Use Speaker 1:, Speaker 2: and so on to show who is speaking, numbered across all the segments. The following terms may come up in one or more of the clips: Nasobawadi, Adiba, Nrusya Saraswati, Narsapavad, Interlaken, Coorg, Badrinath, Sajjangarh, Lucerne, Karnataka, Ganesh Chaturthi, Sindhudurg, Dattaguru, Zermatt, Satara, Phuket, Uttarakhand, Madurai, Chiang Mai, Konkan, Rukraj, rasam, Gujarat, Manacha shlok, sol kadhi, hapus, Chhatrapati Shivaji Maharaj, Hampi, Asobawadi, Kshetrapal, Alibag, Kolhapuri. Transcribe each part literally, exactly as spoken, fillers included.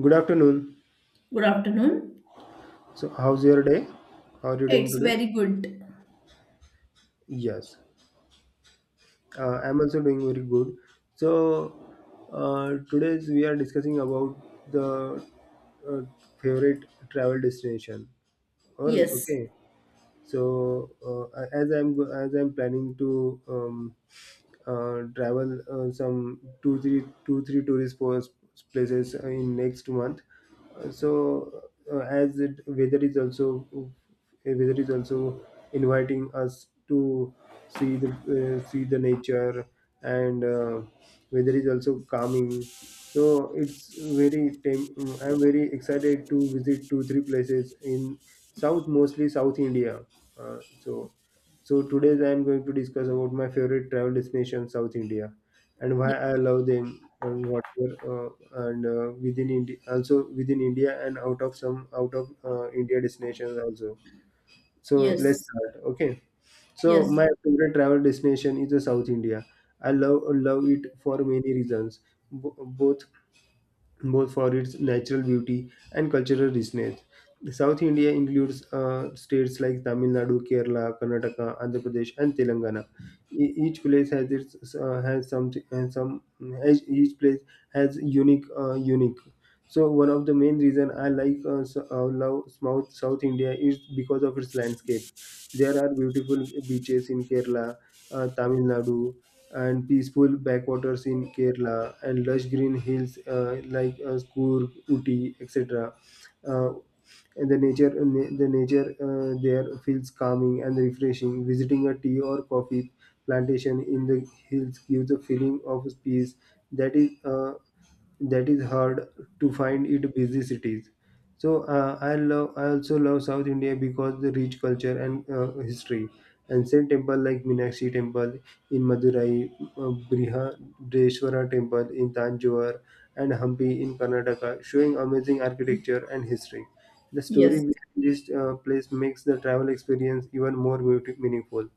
Speaker 1: Good afternoon.
Speaker 2: Good afternoon.
Speaker 1: So, how's your day? How are you doing
Speaker 2: It's
Speaker 1: today?
Speaker 2: very good.
Speaker 1: Yes, uh, I'm also doing very good. So, uh, today's we are discussing about the uh, favorite travel destination. Or
Speaker 2: Yes.
Speaker 1: okay. So, uh, as I'm as I'm planning to um, uh, travel uh, some two three two three tourist pos- places in next month. Uh, so uh, as it, weather is also uh, weather is also inviting us to see the uh, see the nature and uh, weather is also calming. So it's very tem- I'm very excited to visit two three places in south mostly South India. Uh, so. So today I am going to discuss about my favorite travel destination, South India, and why
Speaker 2: Ye-
Speaker 1: I love them. Uh, whatever uh, and uh, within India, also within India and out of some out of uh, India destinations also. So let's
Speaker 2: Yes.
Speaker 1: start. Okay. So
Speaker 2: Yes.
Speaker 1: my favorite travel destination is the South India. I love love it for many reasons, bo- both both for its natural beauty and cultural richness. South India includes uh, states like Tamil Nadu, Kerala, Karnataka, Andhra Pradesh, and Telangana. E- each place has its uh, has something and some each each place has unique uh, unique. So one of the main reason I like uh, s- uh, love South South India is because of its landscape. There are beautiful beaches in Kerala, uh, Tamil Nadu, and peaceful backwaters in Kerala and lush green hills uh, like uh, Coorg, Uti, et cetera. Uh, and the nature, uh, na- the nature uh, there feels calming and refreshing. Visiting a tea or coffee plantation in the hills gives a feeling of peace that is uh, that is hard to find in busy cities. So uh, I love I also love South India because the rich culture and uh, history. Ancient temple like Meenakshi temple in Madurai, uh, Brihadeshwara temple in Tanjore, and Hampi in Karnataka, showing amazing architecture and history. The story
Speaker 2: Yes.
Speaker 1: behind this uh, place makes the travel experience even more beauti- meaningful.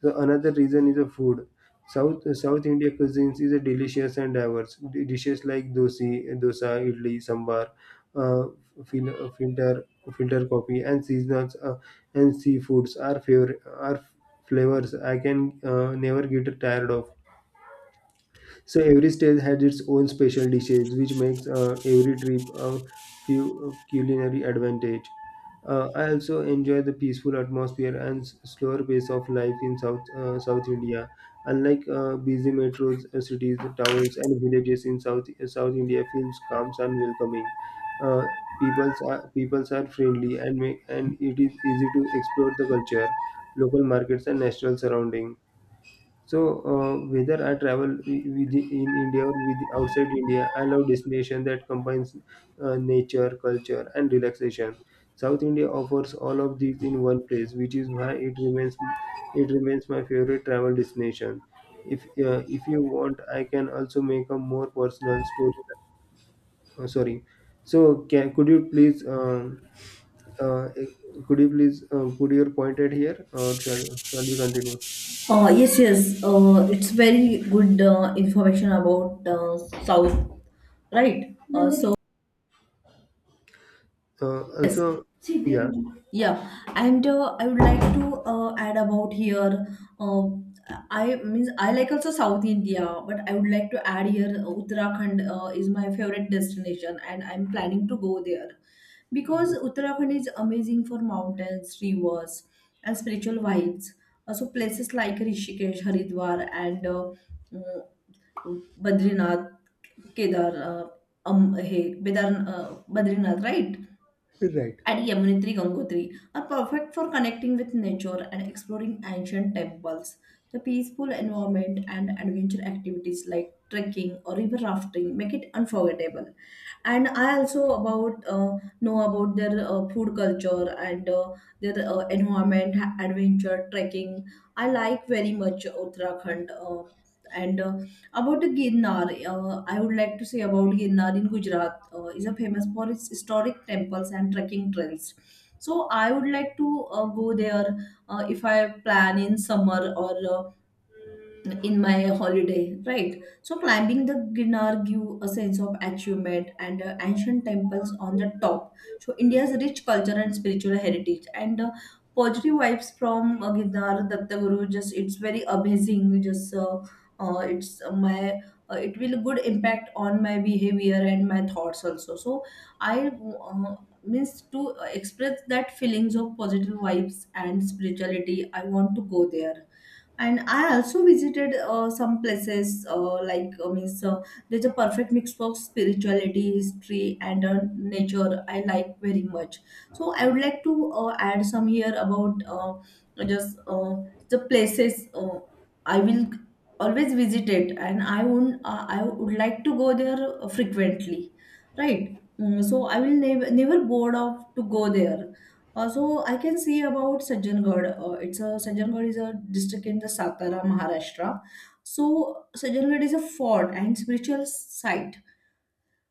Speaker 1: So another reason is the food. South South India cuisines is a delicious and diverse. D- Dishes like dosi, dosa, idli, sambar, uh, fil- filter filter coffee, and seasonals uh, and seafoods are favor are flavors I can uh, never get tired of. So every state has its own special dishes, which makes uh, every trip a few culinary advantage. Uh, I also enjoy the peaceful atmosphere and s- slower pace of life in South uh, South India. Unlike uh, busy metros, uh, cities, towns, and villages in South uh, South India, feels calm and welcoming. Uh, peoples are peoples are friendly and make, and it is easy to explore the culture, local markets, and natural surroundings. So uh, whether I travel wi- with in India or with outside India, I love destination that combines uh, nature, culture, and relaxation. South India offers all of these in one place, which is why it remains it remains my favorite travel destination. If uh, if you want, I can also make a more personal story. Uh, sorry. So can, could you please um, uh, could you please uh, put your point at here, or shall shall we continue?
Speaker 2: Uh, yes, yes, Uh, it's very good uh, information about uh, South, right? Uh, so
Speaker 1: Uh,
Speaker 2: Yes,
Speaker 1: also, yeah.
Speaker 2: yeah. And uh, I would like to uh, add about here. Uh, I means I like also South India, but I would like to add here uh, Uttarakhand uh, is my favorite destination, and I'm planning to go there because Uttarakhand is amazing for mountains, rivers, and spiritual vibes. Also, places like Rishikesh, Haridwar, and uh, uh, Badrinath, Kedar, uh, um, hey, Bedar, uh, Badrinath, right?
Speaker 1: Right.
Speaker 2: And Yamunotri Gangotri are perfect for connecting with nature and exploring ancient temples. The peaceful environment and adventure activities like trekking or river rafting make it unforgettable. And I also about uh, know about their uh, food culture and uh, their uh, environment, ha- adventure, trekking. I like very much Uttarakhand. Uh, and uh, About the Girnar, uh, I would like to say about Girnar in Gujarat Gujarat uh, Is a famous for its historic temples and trekking trails. So I would like to uh, go there uh, if I plan in summer or uh, in my holiday, right? So climbing the Ginnar give a sense of achievement and uh, ancient temples on the top. So India's rich culture and spiritual heritage and uh, positive vibes from uh, Ginnar Dattaguru. Just it's very amazing. Just uh, uh, it's uh, my uh, It will good impact on my behavior and my thoughts also. So I uh, means to express that feelings of positive vibes and spirituality. I want to go there, and I also visited uh, some places uh, like uh, means uh, there's a perfect mix of spirituality, history, and uh, nature. I like very much, so I would like to uh, add some here about uh, just uh, the places uh, I will always visit it, and i would uh, I would like to go there frequently, right? Mm, so I will never never bored of to go there. Uh, so I can see about Sajjangarh. Uh, it's a Sajjangarh is a district in the Satara, Maharashtra. So Sajjangarh is a fort and spiritual site.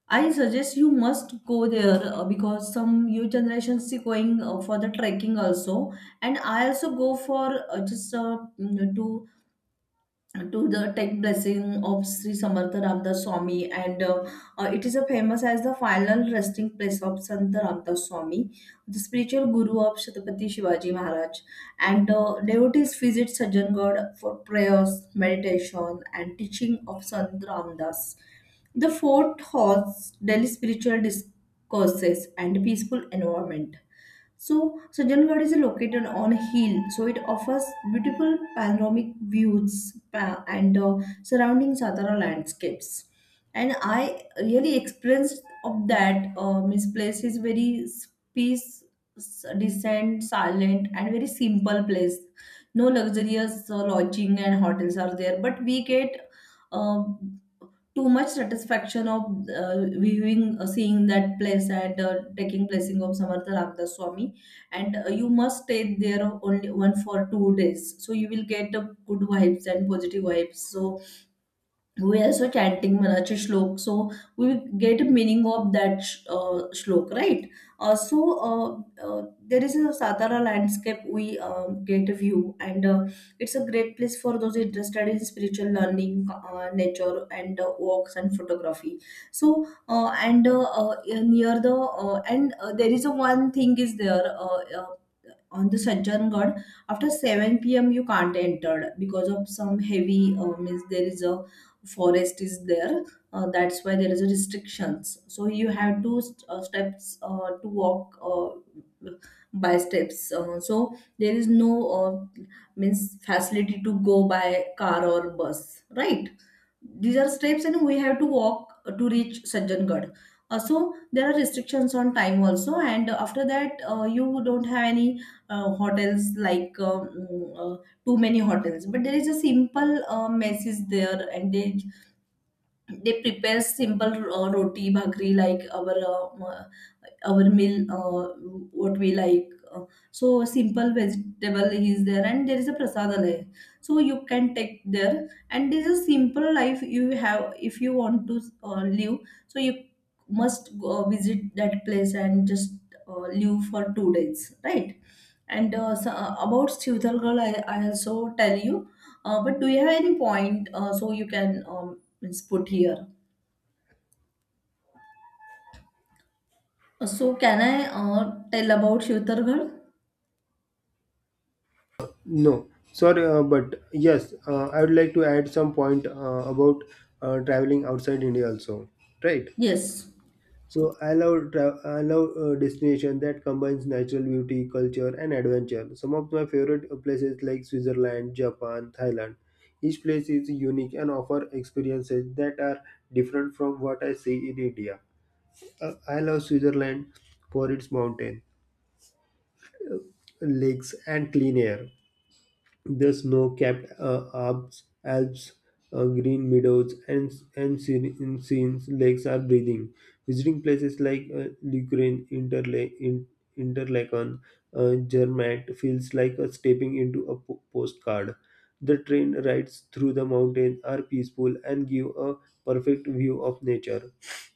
Speaker 2: I suggest you must go there uh, because some new generations is going uh, for the trekking also, and I also go for uh, just uh, mm, to to the tech blessing of Sri Samartha Ramdas Swami, and uh, uh, it is a famous as the final resting place of Sant Ramdas Swami, the spiritual guru of Chhatrapati Shivaji Maharaj. And uh, devotees visit Sajjangarh for prayers, meditation, and teaching of Sant Ramdas. The fort hosts daily spiritual discourses and peaceful environment. So Sajjangarh is located on a hill, so it offers beautiful panoramic views pa- and uh, surrounding Satara landscapes. And I really experienced of that. Uh, Miss place is very s- peace, s- decent, silent, and very simple place. No luxurious uh, lodging and hotels are there, but we get. Uh, Too much satisfaction of uh, viewing uh, seeing that place at uh, taking placing of Samartha Ramdas Swami, and uh, you must stay there only one for two days, so you will get a good vibes and positive vibes. So we are also chanting Manacha shlok, so we get a meaning of that sh- uh, shlok, right? Uh, so uh, uh, there is a Satara landscape we um, get a view, and uh, it's a great place for those interested in spiritual learning, uh, nature, and uh, walks and photography. So uh, and uh, uh, near the uh, and uh, There is a one thing is there. Uh, uh, on the Sanjangad after seven p m you can't enter because of some heavy uh, means there is a forest is there. Uh, that's why there is a restrictions, so you have to st- uh, steps uh, to walk uh, by steps uh, So there is no uh, means facility to go by car or bus, right? These are steps and we have to walk to reach Sajjangarh. Uh, so there are restrictions on time also, and after that uh, you don't have any uh, hotels like um, uh, too many hotels, but there is a simple uh, message there, and they they prepare simple uh, roti bhakri like our uh, uh, our meal uh, what we like. Uh, so simple vegetable is there, and there is a prasadalaya, so you can take there, and this is simple life you have if you want to uh, live. So you must go uh, visit that place and just uh, live for two days, right? And uh, so, uh, about Stutal Girl, I, I also tell you. Uh, but do you have any point uh, so you can um, means put here? Uh, So can I uh, tell about Stutal Girl?
Speaker 1: No. Sorry, uh, but yes, uh, I would like to add some point uh, about uh, traveling outside India also. Right.
Speaker 2: Yes.
Speaker 1: So I love tra- I love uh, destination that combines natural beauty, culture, and adventure. Some of my favorite places like Switzerland, Japan, Thailand. Each place is unique and offer experiences that are different from what I see in India. Uh, I love Switzerland for its mountain, lakes, and clean air. The snow-capped uh, Alps, Alps uh, green meadows, and and serene scenes lakes are breathing. Visiting places like uh, Lucerne, Interla- in, Interlaken, uh, Zermatt feels like a stepping into a po- postcard. The train rides through the mountains are peaceful and give a perfect view of nature.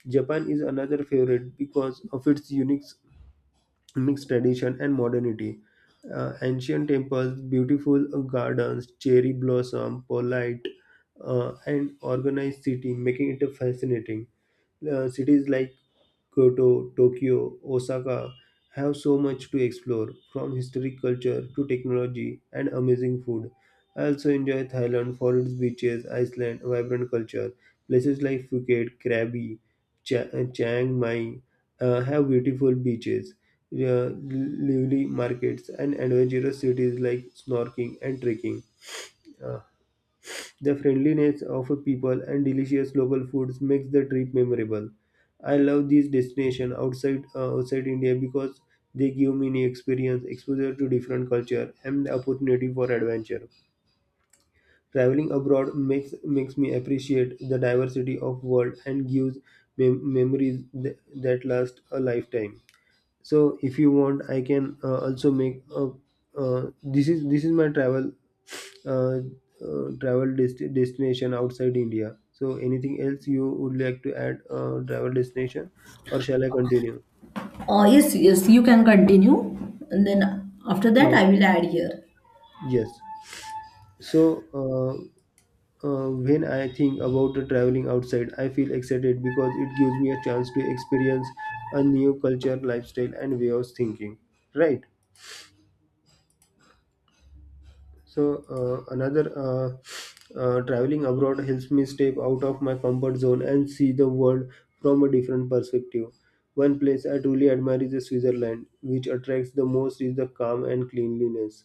Speaker 1: Japan is another favorite because of its unique mixed tradition and modernity. Uh, ancient temples, beautiful gardens, cherry blossom, polite uh, and organized city, making it a fascinating. Uh, cities like Kyoto, Tokyo, Osaka have so much to explore, from historic culture to technology and amazing food. I also enjoy Thailand for its beaches, Iceland, vibrant culture. Places like Phuket, Krabi, Cha- uh, Chiang Mai uh, have beautiful beaches, uh, lively markets, and adventurous cities like snorkeling and trekking. Uh, the friendliness of people and delicious local foods makes the trip memorable. I love these destinations outside uh, outside India because they give me new experience, exposure to different culture, and the opportunity for adventure. Traveling abroad makes makes me appreciate the diversity of world and gives mem- memories th- that last a lifetime. So, if you want, I can uh, also make a. Uh, this is this is my travel uh, uh, travel dest destination outside India. So, anything else you would like to add, uh, travel destination, or shall I continue?
Speaker 2: Uh, yes, yes, you can continue. And then after that,
Speaker 1: No.
Speaker 2: I will add here.
Speaker 1: Yes. So, uh, uh, when I think about the traveling outside, I feel excited because it gives me a chance to experience a new culture, lifestyle, and way of thinking. Right? So uh, another uh, uh, traveling abroad helps me step out of my comfort zone and see the world from a different perspective. One place I truly admire is Switzerland, which attracts the most is the calm and cleanliness.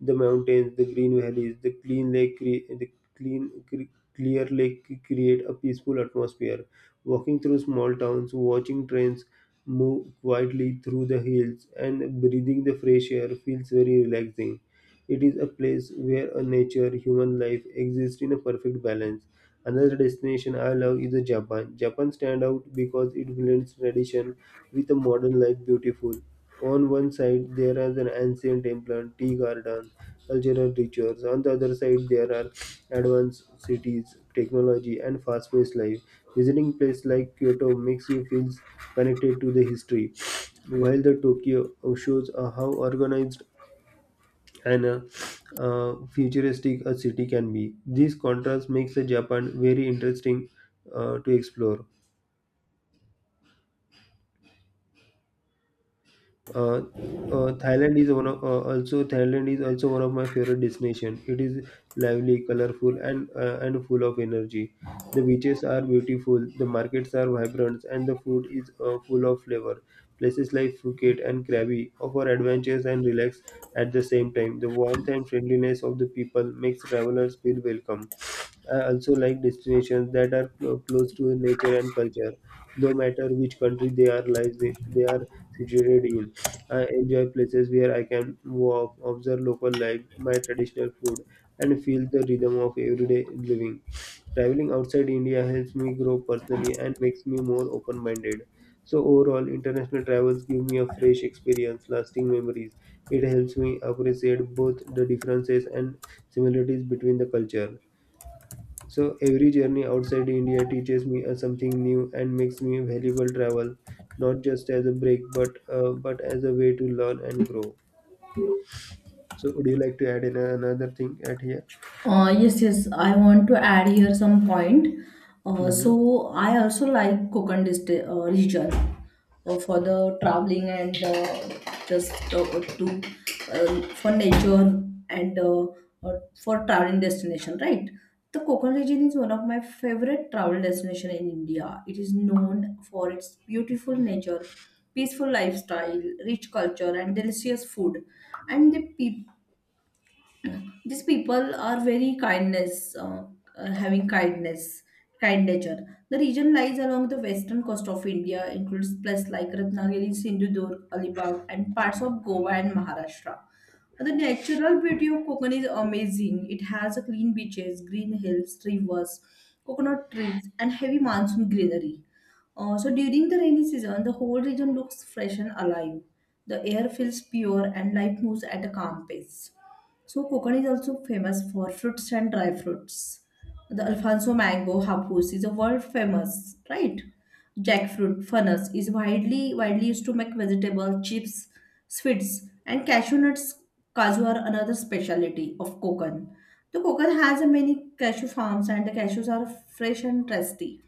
Speaker 1: The mountains, the green valleys, the clean lake, cre- the clean cre- clear lake create a peaceful atmosphere. Walking through small towns, watching trains move quietly through the hills, and breathing the fresh air feels very relaxing. It is a place where a nature human life exist in a perfect balance. Another destination I love is a Japan. Japan stand out because it blends tradition with a modern life beautiful. On one side there is an ancient temple, tea garden, cultural rituals. On the other side there are advanced cities, technology and fast-paced life. Visiting place like Kyoto makes you feel connected to the history, while the Tokyo shows uh, how organized and uh, uh, futuristic a city can be. This contrast makes uh, Japan very interesting uh, to explore. Uh, uh, Thailand is one of uh, also Thailand is also one of my favorite destination. It is lively, colorful, and uh, and full of energy. The beaches are beautiful, the markets are vibrant, and the food is uh, full of flavor. Places like Phuket and Krabi offer adventures and relax at the same time. The warmth and friendliness of the people makes travelers feel welcome. I also like destinations that are clo- close to nature and culture, no matter which country they are lives in, they are situated in. I enjoy places where I can walk, observe local life, my traditional food, and feel the rhythm of everyday living. Traveling outside India helps me grow personally and makes me more open-minded. So overall, international travels give me a fresh experience, lasting memories. It helps me appreciate both the differences and similarities between the culture. So every journey outside India teaches me uh, something new and makes me valuable travel, not just as a break, but uh, but as a way to learn and grow. So would you like to add in a- another thing at here?
Speaker 2: Uh, yes, yes, I want to add here some point. Uh,
Speaker 1: Hmm.
Speaker 2: so I also like Konkan Dist uh, region uh, for the traveling and uh, just uh, to uh, for nature and uh, uh, for traveling destination, right? The Konkan region is one of my favorite travel destination in India. It is known for its beautiful nature, peaceful lifestyle, rich culture, and delicious food, and the people, these people are very kindness uh, uh, having kindness, kind nature. The region lies along the western coast of India, includes places like Ratnagiri, Sindhudurg, Alibag, and parts of Goa and Maharashtra. The natural beauty of Kokan is amazing. It has a clean beaches, green hills, rivers, coconut trees, and heavy monsoon greenery. Uh, so during the rainy season, the whole region looks fresh and alive. The air feels pure and life moves at a calm pace. So Kokon is also famous for fruits and dry fruits. The Alfonso mango, hapus is a world famous, right? Jackfruit, funnels is widely widely used to make vegetable chips, sweets, and cashew nuts. Cashew are another specialty of Kokon. The Kokon has a many cashew farms, and the cashews are fresh and tasty.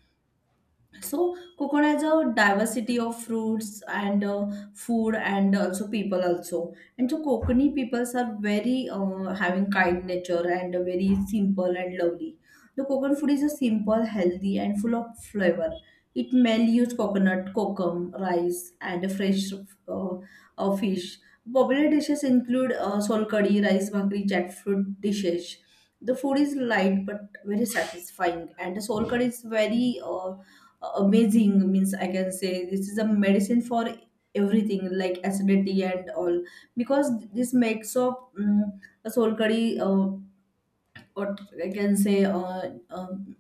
Speaker 2: So coconut has a diversity of fruits and uh, food and also people also. And so Konkani peoples are very uh, having kind nature and very simple and lovely. The coconut food is a simple, healthy and full of flavor. It mainly use coconut, kokum, rice and fresh uh, uh, fish. Popular dishes include uh, sol kadhi, rice bhakri, jackfruit dishes. The food is light but very satisfying, and the sol kadhi is very uh, amazing means I can say this is a medicine for everything like acidity and all because this makes of um, a soul curry, uh, what I can say uh, um,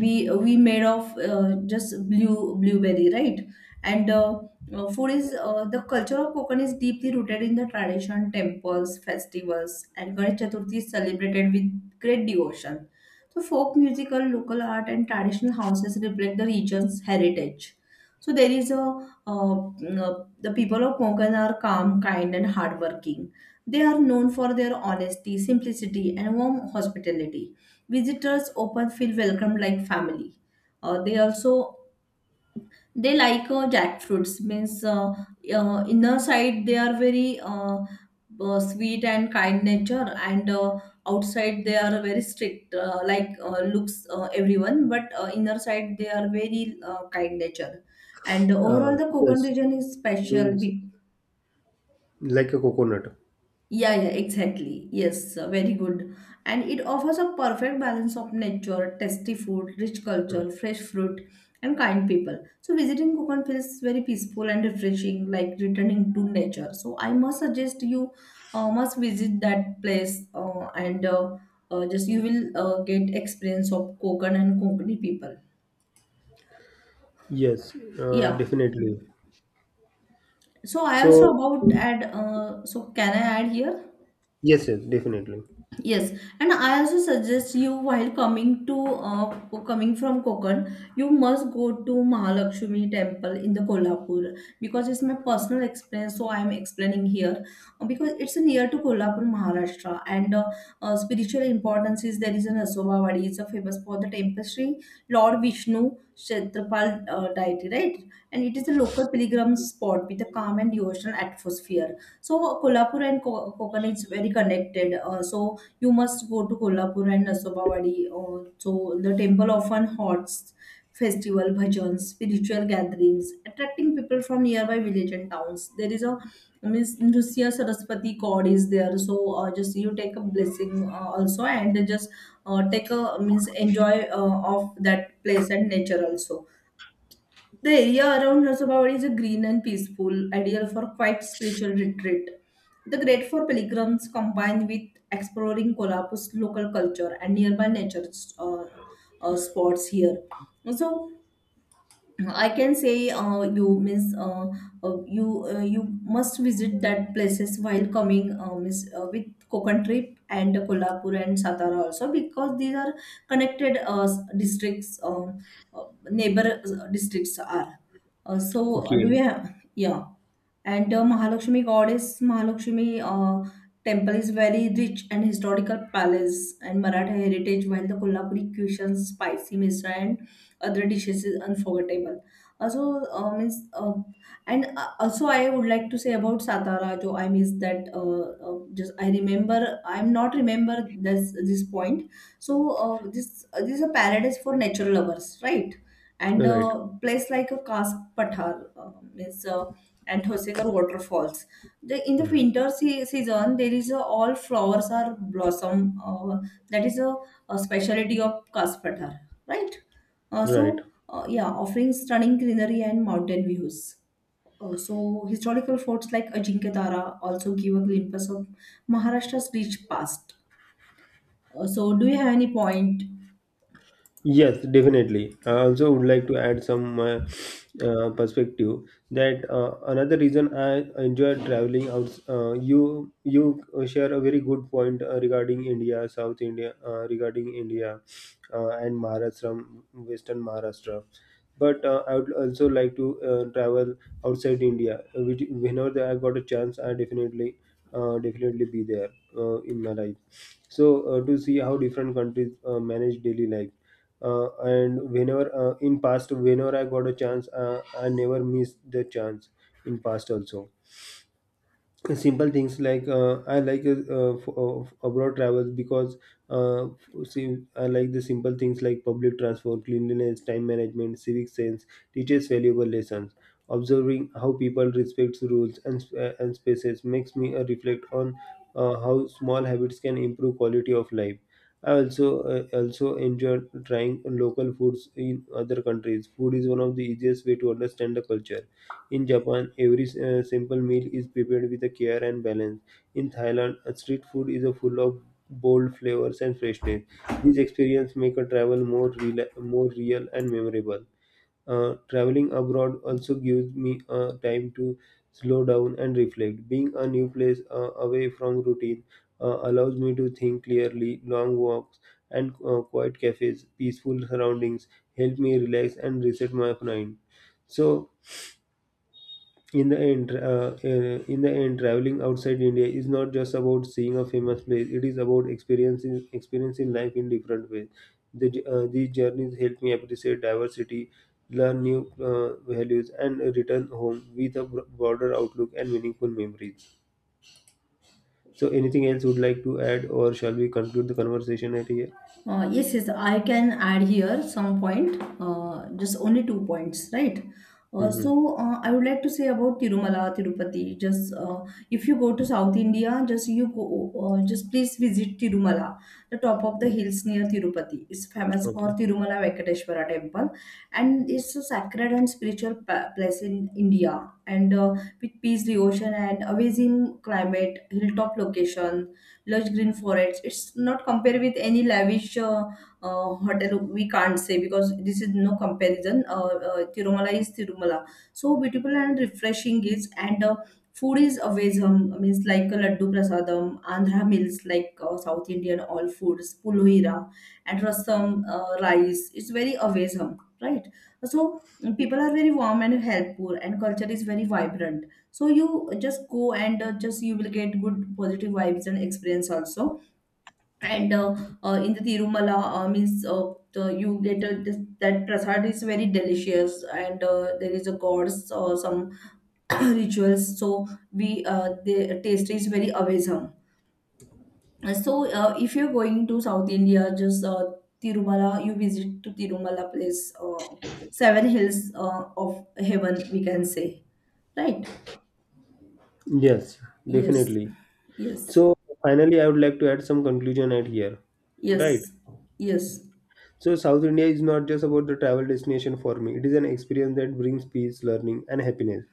Speaker 2: we we made of uh, just blue blueberry, right? And uh, uh, food is uh, the culture of Konkan is deeply rooted in the tradition, temples, festivals, and Ganesh Chaturthi is celebrated with great devotion. So folk musical, local art, and traditional houses reflect the region's heritage. So there is a uh, mm, uh, The people of Konkan are calm, kind and hardworking. They are known for their honesty, simplicity and warm hospitality. Visitors often feel welcomed like family. Uh, they also they like uh, jackfruits means uh, uh, inner side they are very uh, uh, sweet and kind nature, and uh, outside they are very strict uh, like uh, looks uh, everyone, but uh, inner side they are very uh, kind nature, and
Speaker 1: Uh,
Speaker 2: overall the Konkan
Speaker 1: yes,
Speaker 2: region is special
Speaker 1: means
Speaker 2: be-
Speaker 1: like a coconut.
Speaker 2: Yeah, yeah, exactly. Yes, uh, very good. And it offers a perfect balance of nature, tasty food, rich
Speaker 1: Mm.
Speaker 2: culture, fresh fruit, and kind people. So visiting Konkan feels very peaceful and refreshing, like returning to nature. So I must suggest you uh, must visit that place, uh, and uh, uh, just you will uh, get experience of Konkan and Konkani people.
Speaker 1: Yes, uh,
Speaker 2: Yeah.
Speaker 1: definitely.
Speaker 2: So I also
Speaker 1: So
Speaker 2: about add. Uh, so can I add here?
Speaker 1: yes, yes, definitely.
Speaker 2: Yes, and I also suggest you while coming to uh, coming from Konkan, you must go to Mahalakshmi temple in the Kolhapur because it's my personal experience. So I'm explaining here. Uh, because it's near to Kolhapur, Maharashtra, and uh, uh, spiritual importance is there is an Asobawadi. It's a famous for the tapestry Lord Vishnu Kshetrapal uh, deity, right? And it is a local pilgrim spot with a calm and devotional atmosphere. So Kolhapur and Ko- Konkan is very connected. Uh, so you must go to Kolhapur and Nasobawadi. Uh, so the temple often hosts festival, bhajans, spiritual gatherings, attracting people from nearby village and towns. There is a Miss Nrusya Saraswati god is there, so uh, just you take a blessing uh, also and just uh, take a means enjoy uh, of that place and nature also. The area around Narsapavad is green and peaceful, ideal for quiet spiritual retreat. The great for pilgrims combined with exploring Kolhapur's local culture and nearby nature uh, uh, spots here. So I can say, uh, you miss uh, uh, you, uh, you must visit that places while coming, uh, miss, uh, with Konkan trip and Kolhapur and Satara also, because these are connected uh, districts, um, uh, neighbor uh, districts are. Uh, so, uh, do we
Speaker 1: Okay,
Speaker 2: have? Yeah. And uh, Mahalakshmi, goddess Mahalakshmi uh, temple is very rich and historical palace and Maratha heritage, while the Kolhapuri cuisine, spicy misra and other dishes, is unforgettable also. Uh, means uh, And uh, also, I would like to say about Satara jo. I miss that. Uh, uh, just I remember, I'm not remember this this point. So uh, this, uh, this is a paradise for nature lovers, right? And
Speaker 1: right,
Speaker 2: uh, place like a Kask Pathar, uh, means uh, and Hosegar waterfalls. The, in the winter se- season, there is a, all flowers are blossom. Uh, that is a, a specialty of Kask Pathar, right? Uh,
Speaker 1: right.
Speaker 2: so, uh, yeah, offering stunning greenery and mountain views. Uh, so, historical forts like Ajinkya Tara also give a glimpse of Maharashtra's rich past. Uh, so, do you have any point?
Speaker 1: Yes, definitely. I also would like to add some uh, uh, perspective that uh, another reason I enjoy traveling out. Uh, you you share a very good point uh, regarding India, South India, uh, regarding India uh, and Maharashtra, Western Maharashtra. But uh, I would also like to uh, travel outside India. Uh, Which, whenever I got a chance, I definitely uh, definitely be there uh, in my life. So uh, to see how different countries uh, manage daily life uh, and whenever uh, in past whenever I got a chance uh, I never missed the chance in past also. Simple things like uh, i like uh, uh, f- uh, abroad travels because uh, f- see, I like the simple things like public transport cleanliness time management civic sense teaches valuable lessons. Observing how people respect rules and, sp- uh, and spaces makes me uh, reflect on uh, how small habits can improve quality of life. I also uh, also enjoy trying local foods in other countries. Food is one of the easiest way to understand the culture. In Japan, every uh, simple meal is prepared with a care and balance. In Thailand, uh, street food is uh, full of bold flavors and freshness. These experiences make a travel more, rela- more real and memorable. Uh, traveling abroad also gives me uh, time to slow down and reflect. Being a new place uh, away from routine uh, allows me to think clearly. Long walks and uh, quiet cafes, peaceful surroundings help me relax and reset my mind. So, in the end uh, uh, in the end traveling outside India is not just about seeing a famous place. It is about experiencing experiencing life in different ways. The, j- uh, these journeys help me appreciate diversity, learn new uh, values, and return home with a bro- broader outlook and meaningful memories. So anything else you would like to add, or shall we conclude the conversation at here?
Speaker 2: Uh, yes, yes, I can add here some point, uh, just only two points, right? Uh,
Speaker 1: Hmm.
Speaker 2: so uh, I would like to say about Tirumala, Tirupati. Just, uh, if you go to South India, just you go, uh, just please visit Tirumala, the top of the hills near Tirupati. It's famous for Tirumala Venkateshwara temple, and it's a sacred and spiritual pa- place in India. And, uh, with peace, devotion, and amazing climate, hilltop location, lush green forests. It's not compared with any lavish uh, uh, hotel. We can't say, because this is no comparison. Uh, uh, Tirumala is Tirumala. So beautiful and refreshing is and. Uh, Food is avezam, means like a laddu prasadam, Andhra meals, like uh, South Indian all foods, pulohira and rasam uh, rice. It's very avezam, right? So people are very warm and helpful, and culture is very vibrant, so you just go and, uh, just you will get good positive vibes and experience also. And uh, uh, in the Tirumala, uh, means uh, the, you get, uh, this, that prasad is very delicious. And uh, there is a gods or some rituals, so we, uh, the taste is very awesome. So uh, if you're going to South India, just, uh, Tirumala, you visit to Tirumala place, uh, seven hills uh, of heaven we can say, right?
Speaker 1: Yes,
Speaker 2: Yes,
Speaker 1: definitely. So
Speaker 2: yes,
Speaker 1: finally I would like to add some conclusion at here. Right.
Speaker 2: yes, yes,
Speaker 1: So South India is not just about the travel destination for me. It is an experience that brings peace, learning, and happiness.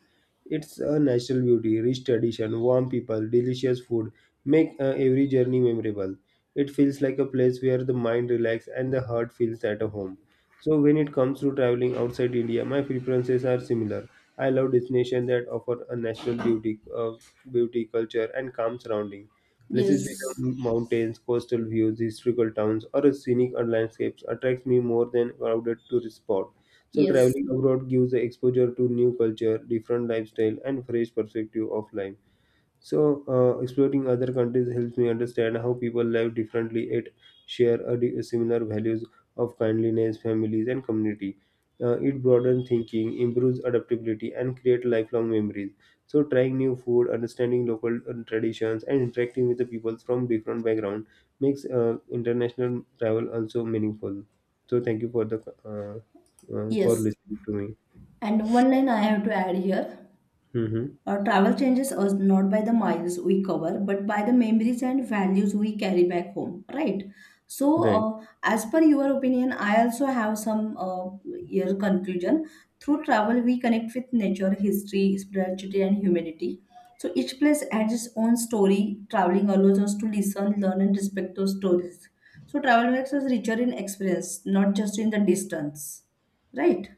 Speaker 1: It's a natural beauty, rich tradition, warm people, delicious food make uh, every journey memorable. It feels like a place where the mind relaxes and the heart feels at a home. So when it comes to traveling outside India, my preferences are similar. I love destinations that offer a natural beauty, uh, beauty, culture, and calm surrounding. Places with
Speaker 2: yes,
Speaker 1: the mountains, coastal views, historical towns, or a scenic or landscapes attracts me more than crowded tourist spot. So
Speaker 2: yes,
Speaker 1: traveling abroad gives the exposure to new culture, different lifestyle, and fresh perspective of life. So, uh, exploring other countries helps me understand how people live differently yet share a di- similar values of kindliness, families, and community. Uh, it broadens thinking, improves adaptability, and creates lifelong memories. So, trying new food, understanding local uh, traditions, and interacting with the people from different background makes uh, international travel also meaningful. So, thank you for the uh, uh, for
Speaker 2: yes.
Speaker 1: listening to me.
Speaker 2: And one line I have to add here.
Speaker 1: Mm-hmm.
Speaker 2: Our travel changes us, not by the miles we cover, but by the memories and values we carry back home, right? So,
Speaker 1: Right,
Speaker 2: uh, as per your opinion, I also have some, uh, your conclusion. Through travel, we connect with nature, history, spirituality, and humanity. So each place adds its own story. Traveling allows us to listen, learn, and respect those stories. So travel makes us richer in experience, not just in the distance, right?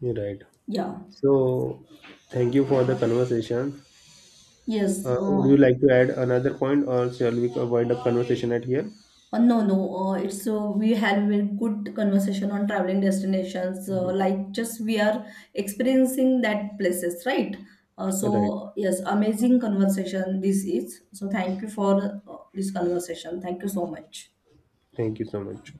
Speaker 1: you're right.
Speaker 2: Yeah.
Speaker 1: So, thank you for the conversation.
Speaker 2: Yes.
Speaker 1: Uh, would
Speaker 2: Uh,
Speaker 1: you like to add another point, or shall we wind up conversation at here?
Speaker 2: Uh, no, no. Uh, it's, uh, we had a good conversation on traveling destinations. Uh, like just we are experiencing that places, right? Uh,
Speaker 1: Right.
Speaker 2: so yes, amazing conversation this is. So thank you for uh, this conversation. Thank you so much.
Speaker 1: Thank you so much.